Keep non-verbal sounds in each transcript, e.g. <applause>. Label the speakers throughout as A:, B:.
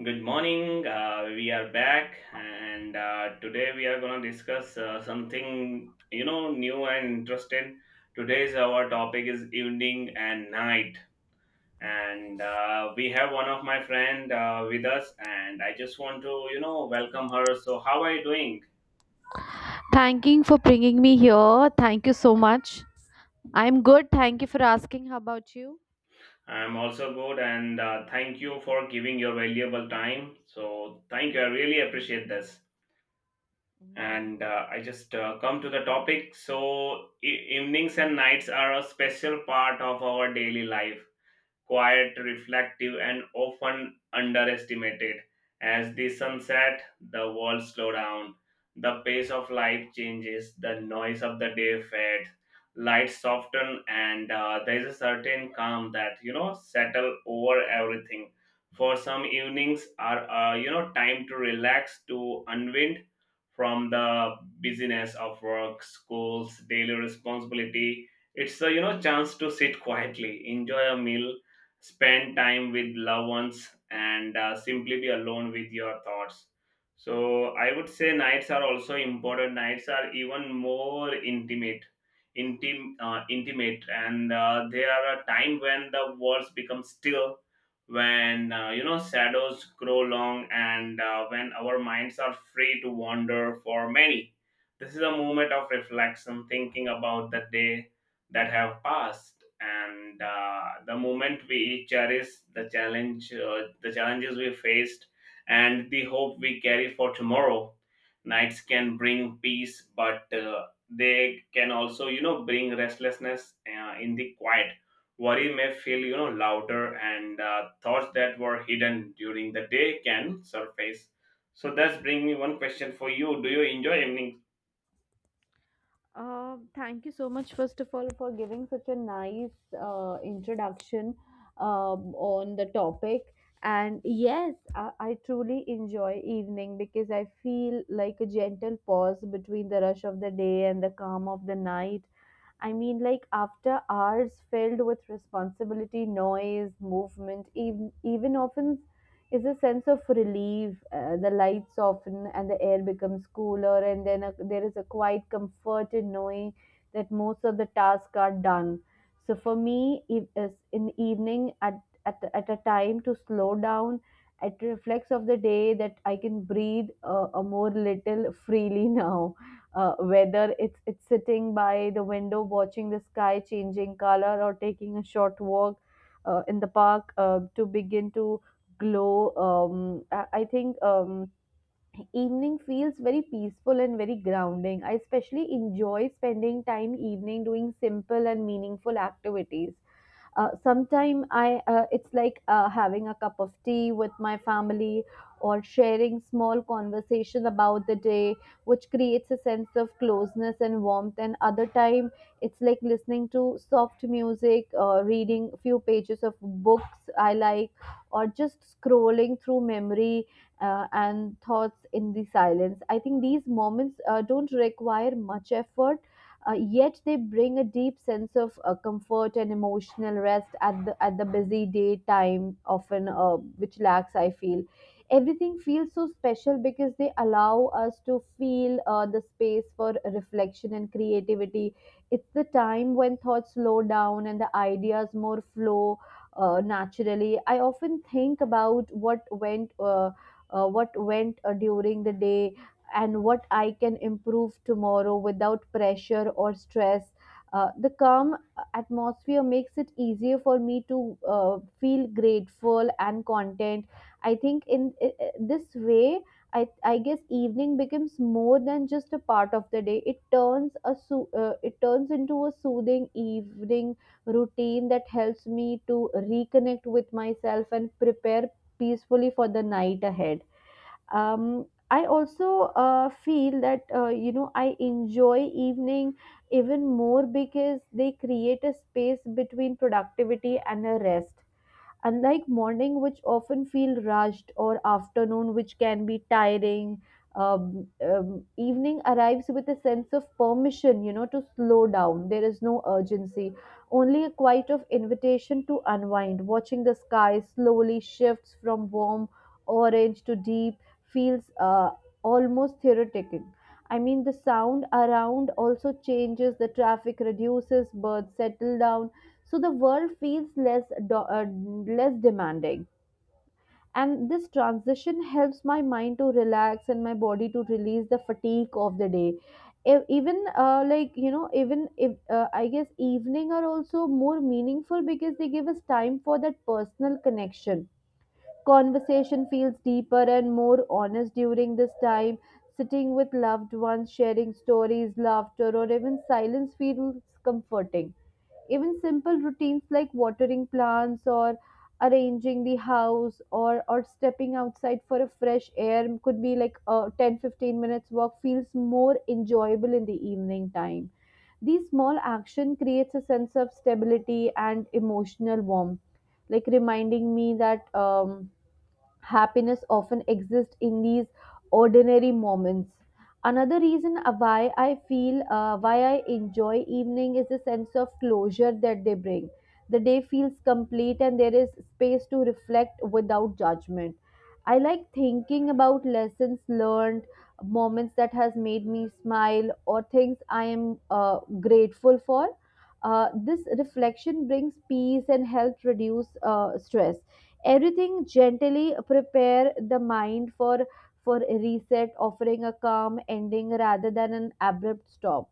A: Good morning. We are back, and today we are going to discuss something new and interesting. Today's Our topic is evening and night, and we have one of my friend with us, and I just want to welcome her. So, how are you doing?
B: Thanking for bringing me here. Thank you so much. I'm good. Thank you for asking. How about you?
A: I'm also good, and thank you for giving your valuable time. So, thank you. I really appreciate this.
B: Mhm.
A: And I just come to the topic. So, evenings and nights are a special part of our daily life, quiet, reflective, and often underestimated. As the sun set, the world slowed down, the pace of life changes, the noise of the day fades, light soften, and there is a certain calm that settle over everything. For some, evenings are time to relax, to unwind from the busyness of work, schools, daily responsibility. It's a chance to sit quietly, enjoy a meal, spend time with loved ones, and simply be alone with your thoughts. So I would say nights are also important. Nights are even more intimate. Intimate, and they are a time when the worlds become still, when shadows grow long, and when our minds are free to wander. For many, this is a moment of reflection, thinking about the day that have passed, and the moment we cherish, the challenges we faced, and the hope we carry for tomorrow. Nights can bring peace, but they can also bring restlessness in the quiet. Worry may feel louder, and thoughts that were hidden during the day can surface. So that's bring me one question for you: do you enjoy evenings?
B: Thank you so much, first of all, for giving such a nice introduction on the topic. And yes, I truly enjoy evening because I feel like a gentle pause between the rush of the day and the calm of the night. I mean, like after hours filled with responsibility, noise, movement, even often is a sense of relief. The lights soften and the air becomes cooler, and then there is a quiet comfort in knowing that most of the tasks are done. So for me, if, is in evening at a time to slow down, it reflects of the day that I can breathe a more little freely <laughs> now. Whether it's sitting by the window watching the sky changing color, or taking a short walk in the park to begin to glow. I think evening feels very peaceful and very grounding. I especially enjoy spending time evening doing simple and meaningful activities. Sometime I it's like having a cup of tea with my family, or sharing small conversation about the day, which creates a sense of closeness and warmth. And other time it's like listening to soft music, reading few pages of books I like, or just scrolling through memory and thoughts in the silence. I think these moments don't require much effort, yet they bring a deep sense of comfort and emotional rest at the busy daytime often, which lacks, I feel. Everything feels so special because they allow us to feel the space for reflection and creativity. It's the time when thoughts slow down and the ideas more flow naturally. I often think about what went during the day and what I can improve tomorrow without pressure or stress. The calm atmosphere makes it easier for me to feel grateful and content. I think this way, I guess evening becomes more than just a part of the day. It turns into a soothing evening routine that helps me to reconnect with myself and prepare peacefully for the night ahead. I also feel that I enjoy evening even more because they create a space between productivity and a rest, unlike morning, which often feel rushed, or afternoon, which can be tiring. Evening arrives with a sense of permission to slow down. There is no urgency, only a quiet of invitation to unwind. Watching the sky slowly shifts from warm orange to deep feels almost therapeutic. I mean, the sound around also changes, the traffic reduces, birds settle down, so the world feels less demanding, and this transition helps my mind to relax and my body to release the fatigue of the day. E- even like you know even if I guess evening are also more meaningful because they give us time for that personal connection. Conversation feels deeper and more honest during this time. Sitting with loved ones, sharing stories, laughter, or even silence feels comforting. Even simple routines like watering plants, or arranging the house, or stepping outside for a fresh air could be like a 10-15 minutes walk, feels more enjoyable in the evening time. These small action creates a sense of stability and emotional warmth, like reminding me that happiness often exists in these ordinary moments. Another reason why I enjoy evening is the sense of closure that they bring. The day feels complete and there is space to reflect without judgment. I like thinking about lessons learned, moments that has made me smile, or things I am grateful for. This reflection brings peace and helps reduce stress. Everything gently prepare the mind for a reset, offering a calm ending rather than an abrupt stop.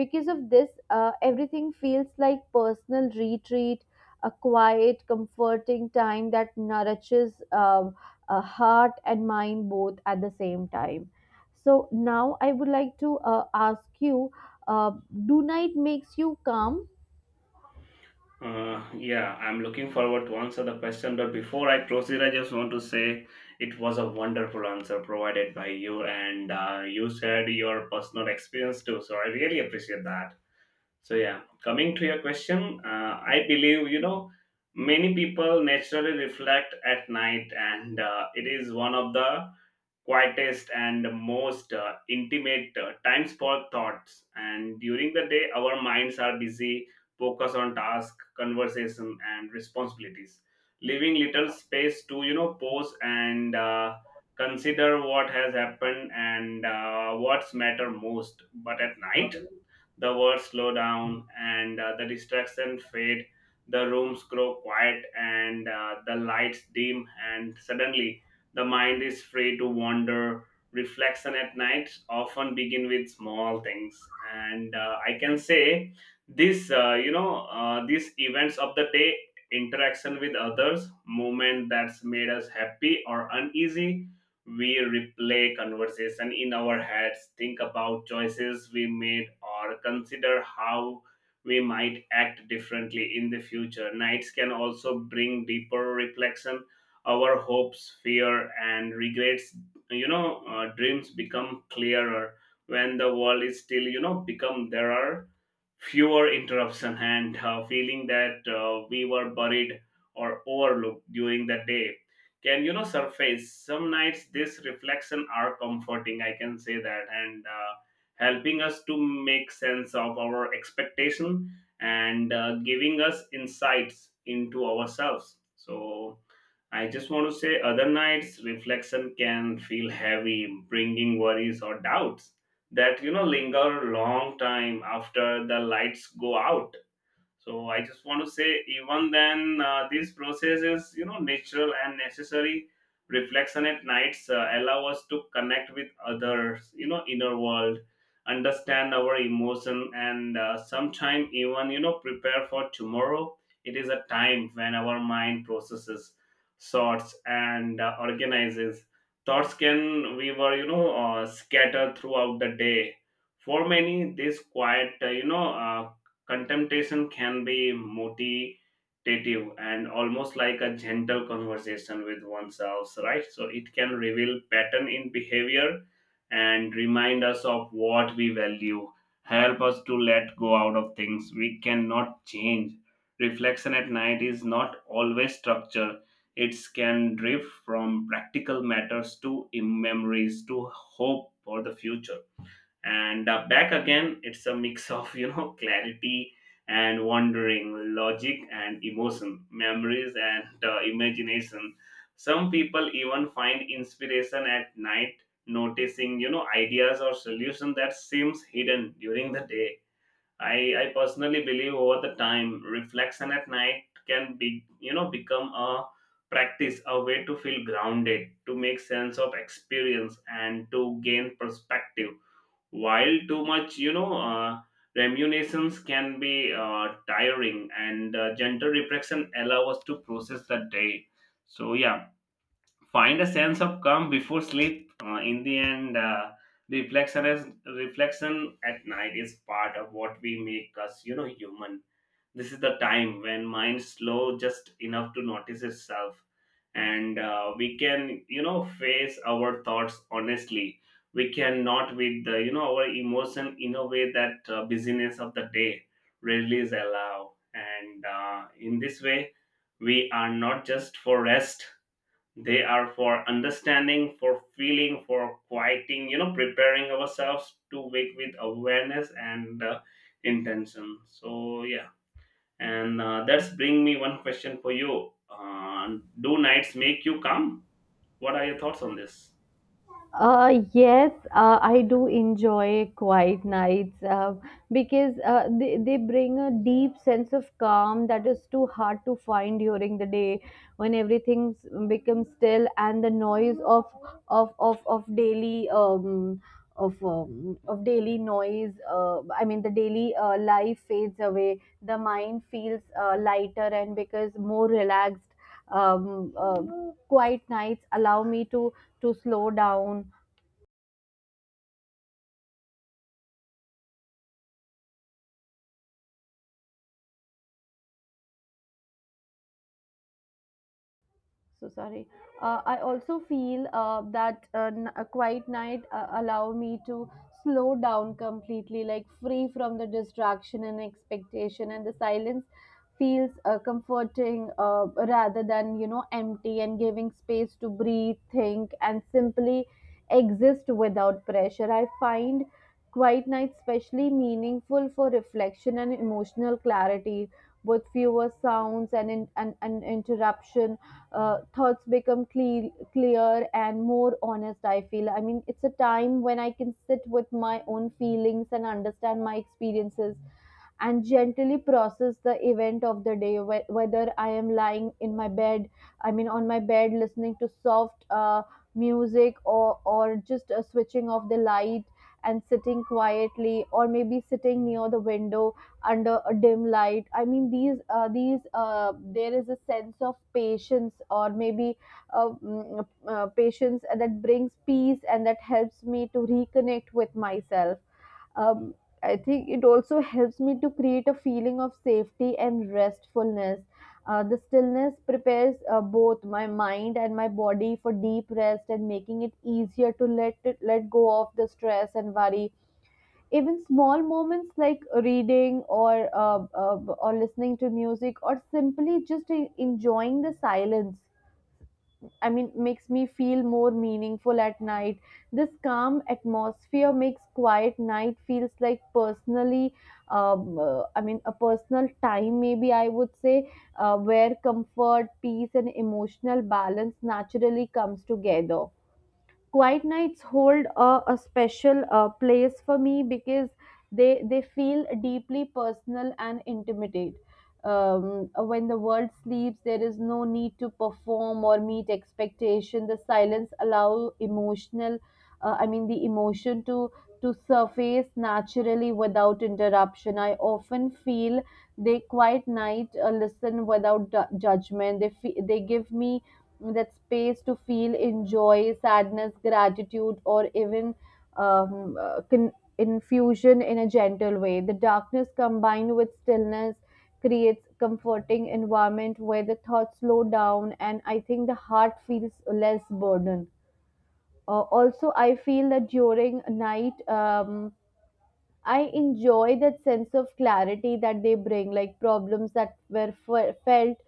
B: Because of this, everything feels like personal retreat, a quiet comforting time that nourishes heart and mind both at the same time. So now I would like to ask you, uh, do night makes you calm?
A: Yeah, I'm looking forward to answer the question, but before I proceed, I just want to say it was a wonderful answer provided by you, and you shared your personal experience too. So I really appreciate that. So yeah, coming to your question, I believe many people naturally reflect at night, and it is one of the quietest and most intimate times for thoughts. And during the day, our minds are busy, focus on task, conversation, and responsibilities, leaving little space to pause and consider what has happened and what's matter most. But at night, the words slow down, and the distractions fade. The rooms grow quiet, and the lights dim, and suddenly the mind is free to wander. Reflection at night often begin with small things, and I can say these events of the day, interaction with others, moment that's made us happy or uneasy. We replay conversation in our heads, think about choices we made, or consider how we might act differently in the future. Nights can also bring deeper reflection. Our hopes, fear, and regrets, dreams become clearer when the world is still. Become there are fewer interruption <laughs> and feeling that we were buried or overlooked during the day can surface. Some nights this reflection are comforting, I can say that, and helping us to make sense of our expectation, and giving us insights into ourselves. So I just want to say other nights reflection can feel heavy, bringing worries or doubts that linger long time after the lights go out. So I just want to say, even then, this process is natural and necessary. Reflection at nights allow us to connect with others, inner world, understand our emotion, and sometime even prepare for tomorrow. It is a time when our mind processes, sorts, and organizes thoughts can we were scattered throughout the day. For many, this quiet, contemptation can be motivative and almost like a gentle conversation with oneself, right? So it can reveal pattern in behavior and remind us of what we value, help us to let go out of things we cannot change. Reflection at night is not always structure. It can drift from practical matters to memories to hope for the future and back again. It's a mix of <laughs> clarity and wandering, logic and emotion, memories, and imagination. Some people even find inspiration at night, noticing ideas or solution that seems hidden during the day. I personally believe over the time reflection at night can be become a practice, a way to feel grounded, to make sense of experience, and to gain perspective. While too much, remunitions can be tiring, and gentle reflection allow us to process the day. So yeah, find a sense of calm before sleep in the end, reflection at night is part of what we make us human. This is the time when mind slow just enough to notice itself, and we can face our thoughts honestly. We cannot with the, our emotion in a way that busyness of the day rarely is allow, and in this way we are not just for rest, they are for understanding, for feeling, for quieting, preparing ourselves to wake with awareness and intention. So yeah, and that's bring me one question for you: do nights make you calm? What are your thoughts on this?
B: Yes, I do enjoy quiet nights because they bring a deep sense of calm that is too hard to find during the day, when everything becomes still and the noise of daily of daily noise I mean the daily life fades away. The mind feels lighter and because more relaxed. Um, uh, quiet nights allow me to slow down. So sorry. I also feel that a quiet night allow me to slow down completely, like free from the distraction and expectation, and the silence feels comforting, rather than empty, and giving space to breathe, think, and simply exist without pressure. I find quiet nights especially meaningful for reflection and emotional clarity, with fewer sounds and interruption. Thoughts become clear and more honest. I feel. I mean, it's a time when I can sit with my own feelings and understand my experiences and gently process the event of the day, whether I am lying in my bed, I mean on my bed, listening to soft music, or just switching off the light and sitting quietly, or maybe sitting near the window under a dim light. I mean these there is a sense of patience, or maybe patience that brings peace and that helps me to reconnect with myself. um, I think it also helps me to create a feeling of safety and restfulness. The stillness prepares both my mind and my body for deep rest, and making it easier to let go of the stress and worry. Even small moments like reading or listening to music, or simply just enjoying the silence, I mean, makes me feel more meaningful at night. This calm atmosphere makes quiet night feels like personally, I mean a personal time, maybe I would say, where comfort, peace, and emotional balance naturally comes together. Quiet nights hold a special place for me because they feel deeply personal and intimate. um, when the world sleeps, there is no need to perform or meet expectation. The silence allow emotional I mean the emotion to surface naturally without interruption. I often feel they quiet night listen without judgment. They give me that space to feel enjoy sadness, gratitude, or even um, uh, con- infusion in a gentle way. The darkness combined with stillness creates comforting environment where the thoughts slow down, and I think the heart feels less burdened. Also, I feel that during night, I enjoy that sense of clarity that they bring, like problems that were felt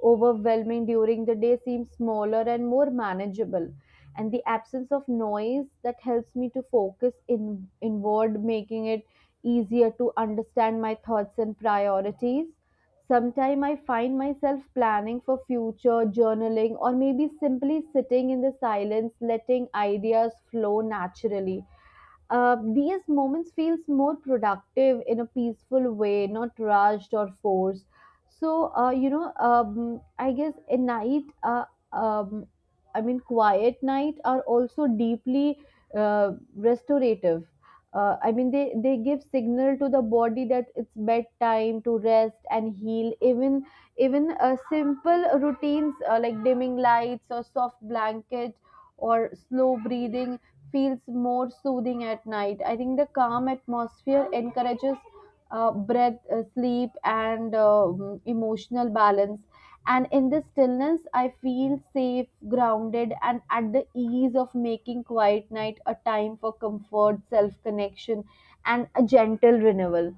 B: overwhelming during the day seem smaller and more manageable. And the absence of noise that helps me to focus in inward, making it easier to understand my thoughts and priorities. Sometimes I find myself planning for future journaling, or maybe simply sitting in the silence, letting ideas flow naturally. These moments feels more productive in a peaceful way, not rushed or forced. So, I guess um, I mean, quiet night are also deeply restorative. I mean, they give signal to the body that it's bedtime to rest and heal. Even simple routines like dimming lights, or soft blanket, or slow breathing feels more soothing at night. I think the calm atmosphere encourages breath, sleep, and emotional balance. And in the stillness, I feel safe, grounded, and at the ease of making quiet night a time for comfort, self connection, and a gentle renewal.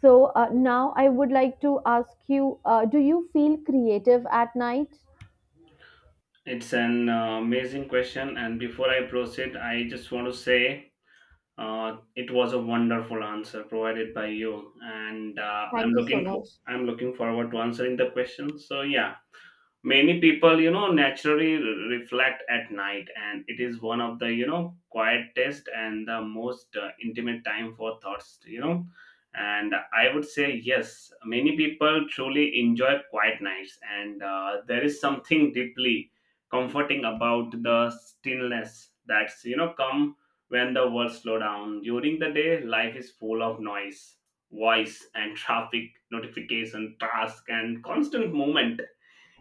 B: So, now I would like to ask you, do you feel creative at night?
A: It's an amazing question, and before I proceed, I just want to say it was a wonderful answer provided by you, and
B: Thank you so much.
A: I'm looking forward to answering the question. So yeah, many people naturally reflect at night, and it is one of the quietest and the most intimate time for thoughts, and I would say yes, many people truly enjoy quiet nights, and there is something deeply comforting about the stillness that's come when the world slow down. During the day life is full of noise, voice and <laughs> traffic, notification, task, and constant movement.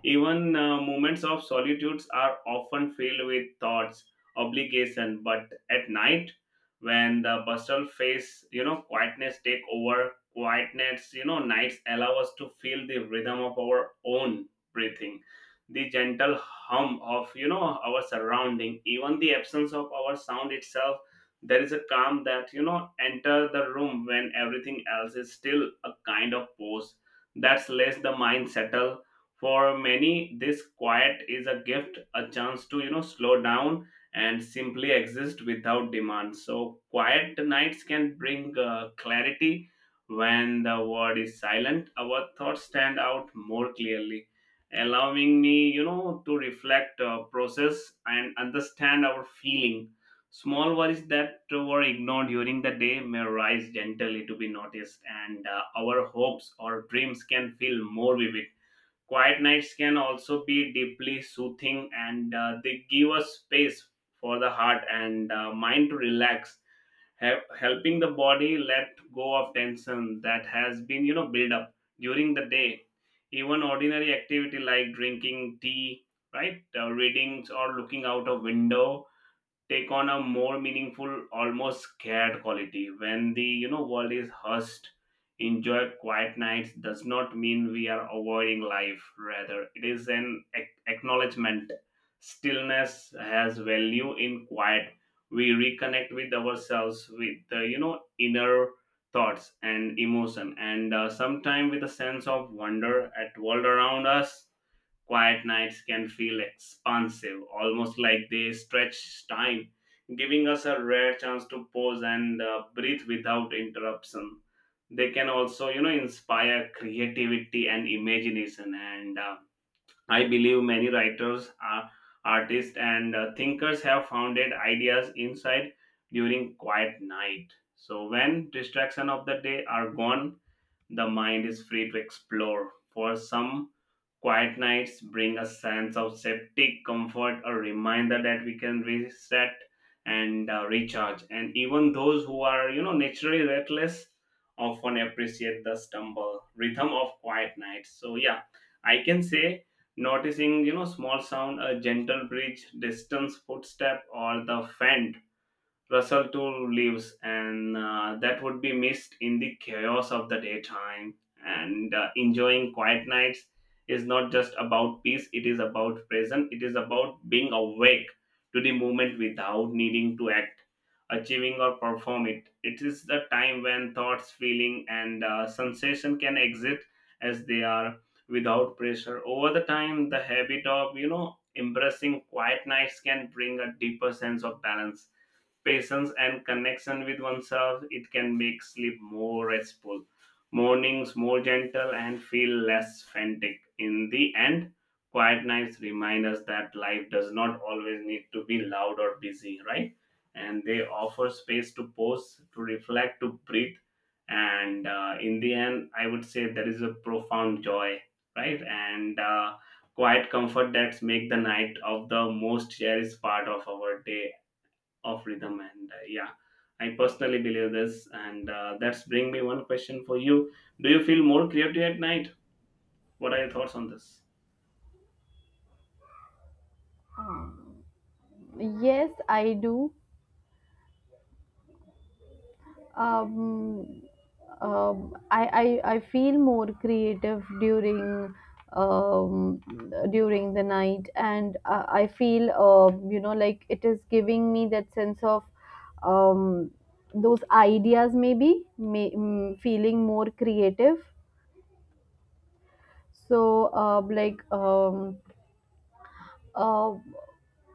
A: Even moments of solitudes are often filled with thoughts, obligation, but at night, when the bustle face, quietness take over. Quietness, nights allow us to feel the rhythm of our own breathing, the gentle hum of, our surrounding, even the absence of our sound itself. There is a calm that, enter the room when everything else is still, a kind of pause that's less the mind settle. For many, this quiet is a gift, a chance to slow down and simply exist without demand. So quiet nights can bring clarity. When the world is silent, our thoughts stand out more clearly, allowing me to reflect, process, and understand our feeling. Small worries that were ignored during the day may rise gently to be noticed, and our hopes or dreams can feel more vivid. Quiet nights can also be deeply soothing, and they give us space for the heart and mind to relax, helping the body let go of tension that has been, built up during the day. Even ordinary activity like drinking tea, right, readings or looking out of window take on a more meaningful, almost scared quality when the world is hushed. Enjoy quiet nights does not mean we are avoiding life, rather it is an acknowledgement stillness has value. In quiet, we reconnect with ourselves, with the inner thoughts and emotion, and sometime with a sense of wonder at world around us. Quiet nights can feel expansive, almost like they stretch time, giving us a rare chance to pause and breathe without interruption. They can also, inspire creativity and imagination. And I believe many writers, are artists, and thinkers have founded ideas inside during quiet night. So when distraction of the day are gone, the mind is free to explore. For some, quiet nights bring a sense of safety, comfort, a reminder that we can reset and recharge. And even those who are, naturally restless often appreciate the stumble rhythm of quiet nights. So yeah, I can say noticing, small sound, a gentle breeze, distance footstep, or the faint Russell too leaves, and that would be missed in the chaos of the daytime. And enjoying quiet nights is not just about peace, it is about presence, it is about being awake to the moment without needing to act, achieving, or perform it. It is the time when thoughts, feeling, and sensation can exist as they are without pressure. Over the time, the habit of, embracing quiet nights can bring a deeper sense of balance, patience, and connection with oneself. It can make sleep more restful, mornings more gentle, and feel less frantic. In the end, quiet nights remind us that life does not always need to be loud or busy, right? And they offer space to pause, to reflect, to breathe. And in the end, I would say there is a profound joy, right? And quiet comfort that make the night of the most cherished part of our day of rhythm, and yeah, I personally believe this, and that's bring me one question for you: do you feel more creative at night? What are your thoughts on this?
B: Yes, I do. um, um, I, I feel more creative um, during the night, and I feel it is giving me that sense of um, those ideas, maybe feeling more creative. So, uh,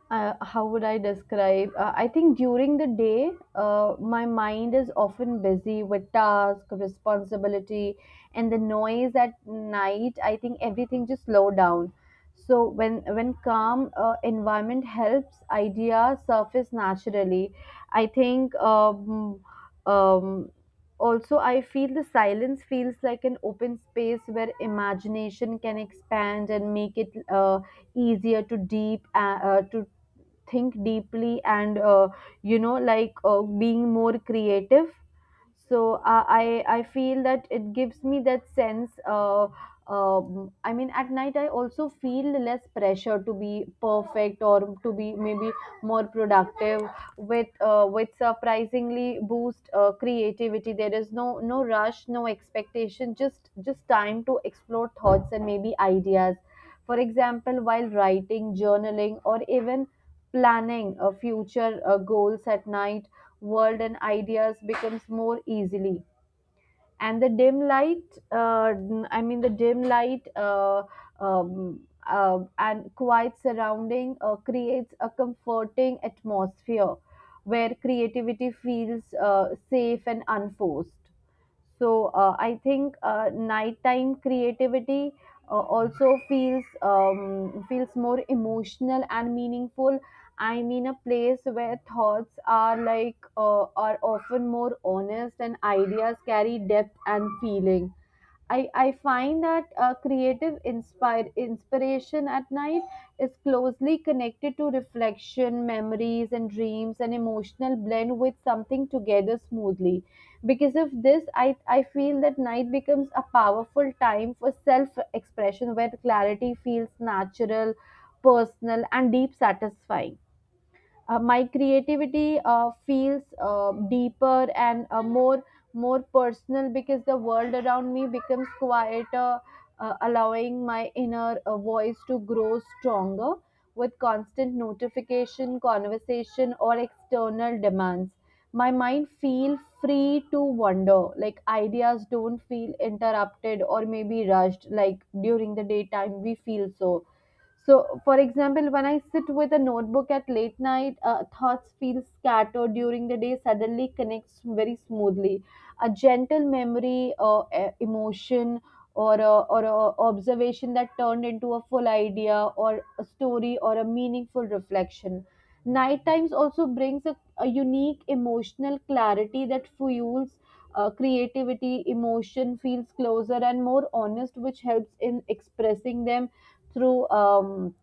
B: how would I describe? I think during the day, my mind is often busy with task, responsibility, and the noise at night. I think everything just slow down. So when calm environment helps idea surface naturally. I think um, also I feel the silence feels like an open space where imagination can expand and make it easier to deep to think deeply and being more creative. So I feel that it gives me that sense. I mean, at night I also feel less pressure to be perfect or to be maybe more productive with with surprisingly boost creativity. There is no rush, no expectation, just time to explore thoughts and maybe ideas. For example, while writing, journaling, or even planning future goals at night, world and ideas becomes more easily. And the dim light, uh, I mean the dim light, and quiet surrounding creates a comforting atmosphere where creativity feels safe and unforced. So I think nighttime creativity also feels feels more emotional and meaningful. I mean, a place where thoughts are are often more honest and ideas carry depth and feeling. I find that creative inspire inspiration at night is closely connected to reflection, memories, and dreams, and emotional blend with something together smoothly. Because of this, I feel that night becomes a powerful time for self expression, where clarity feels natural, personal, and deep satisfying. My creativity feels deeper and more personal because the world around me becomes quieter, allowing my inner voice to grow stronger. With constant notification, conversation, or external demands, my mind feel free to wander, like ideas don't feel interrupted or maybe rushed like during the daytime we feel for example. When I sit with a notebook at late night, thoughts feel scattered during the day, suddenly connects very smoothly. A gentle memory or emotion or a observation that turned into a full idea or a story or a meaningful reflection. Night times also brings a unique emotional clarity that fuels creativity. Emotion feels closer and more honest, which helps in expressing them through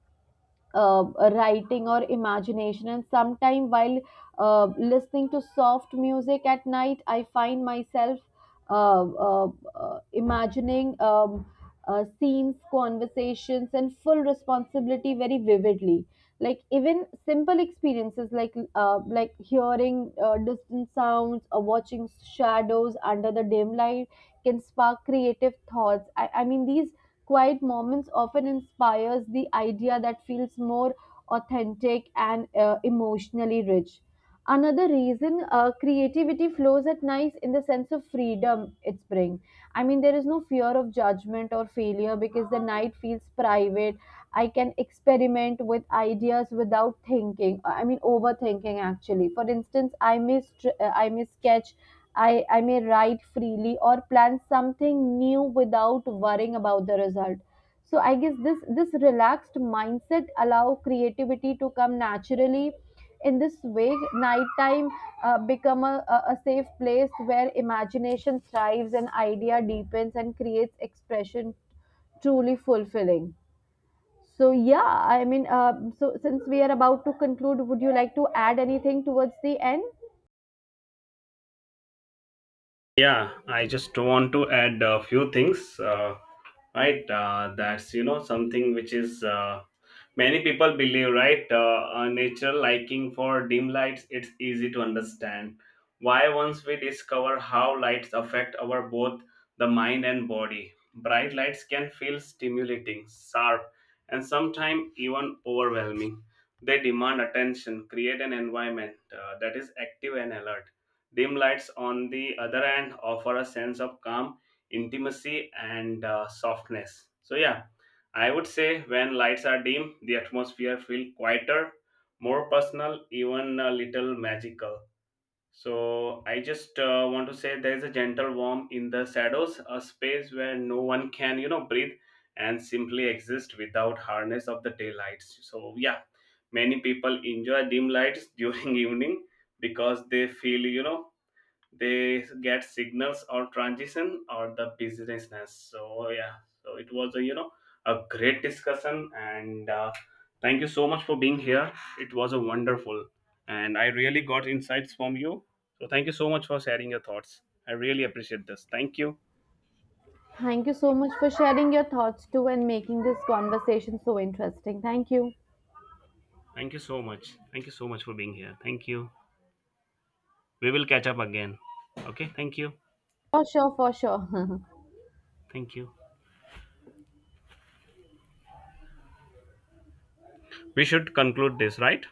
B: uh, writing or imagination. And sometime while listening to soft music at night, I find myself uh, uh, imagining scenes, conversations, and full responsibility very vividly. Like even simple experiences, like hearing distant sounds or watching shadows under the dim light, can spark creative thoughts. I mean, these quiet moments often inspires the idea that feels more authentic and emotionally rich. Another reason creativity flows at night in the sense of freedom it's brings. I mean, there is no fear of judgment or failure because the night feels private. I can experiment with ideas without thinking. I mean, overthinking actually. For instance, I may sketch, I may write freely or plan something new without worrying about the result. So I guess this relaxed mindset allow creativity to come naturally. In this way, nighttime become a safe place where imagination thrives and idea deepens and creates expression truly fulfilling. So yeah, I mean, so since we are about to conclude, would you like to add anything towards the end?
A: Yeah, I just want to add a few things, right, that's something which is many people believe, right, a natural liking for dim lights, it's easy to understand why. Once we discover how lights affect our both the mind and body, bright lights can feel stimulating, sharp, and sometimes even overwhelming. They demand attention, create an environment that is active and alert. Dim lights, on the other hand, offer a sense of calm, intimacy, and softness. So, yeah, I would say when lights are dim, the atmosphere feels quieter, more personal, even a little magical. So I just want to say there is a gentle warmth in the shadows, a space where no one can, breathe and simply exist without harness of the daylights. So yeah, many people enjoy dim lights <laughs> during evening because they feel, they get signals or transition or the businessness. So yeah, so it was a a great discussion, and thank you so much for being here. It was a wonderful, and I really got insights from you. So thank you so much for sharing your thoughts. I really appreciate this. Thank you.
B: Thank you so much for sharing your thoughts too and making this conversation so interesting. Thank you.
A: Thank you so much. Thank you so much for being here. Thank you. We will catch up again. Okay, thank you.
B: For sure, for sure. <laughs>
A: Thank you. We should conclude this, right?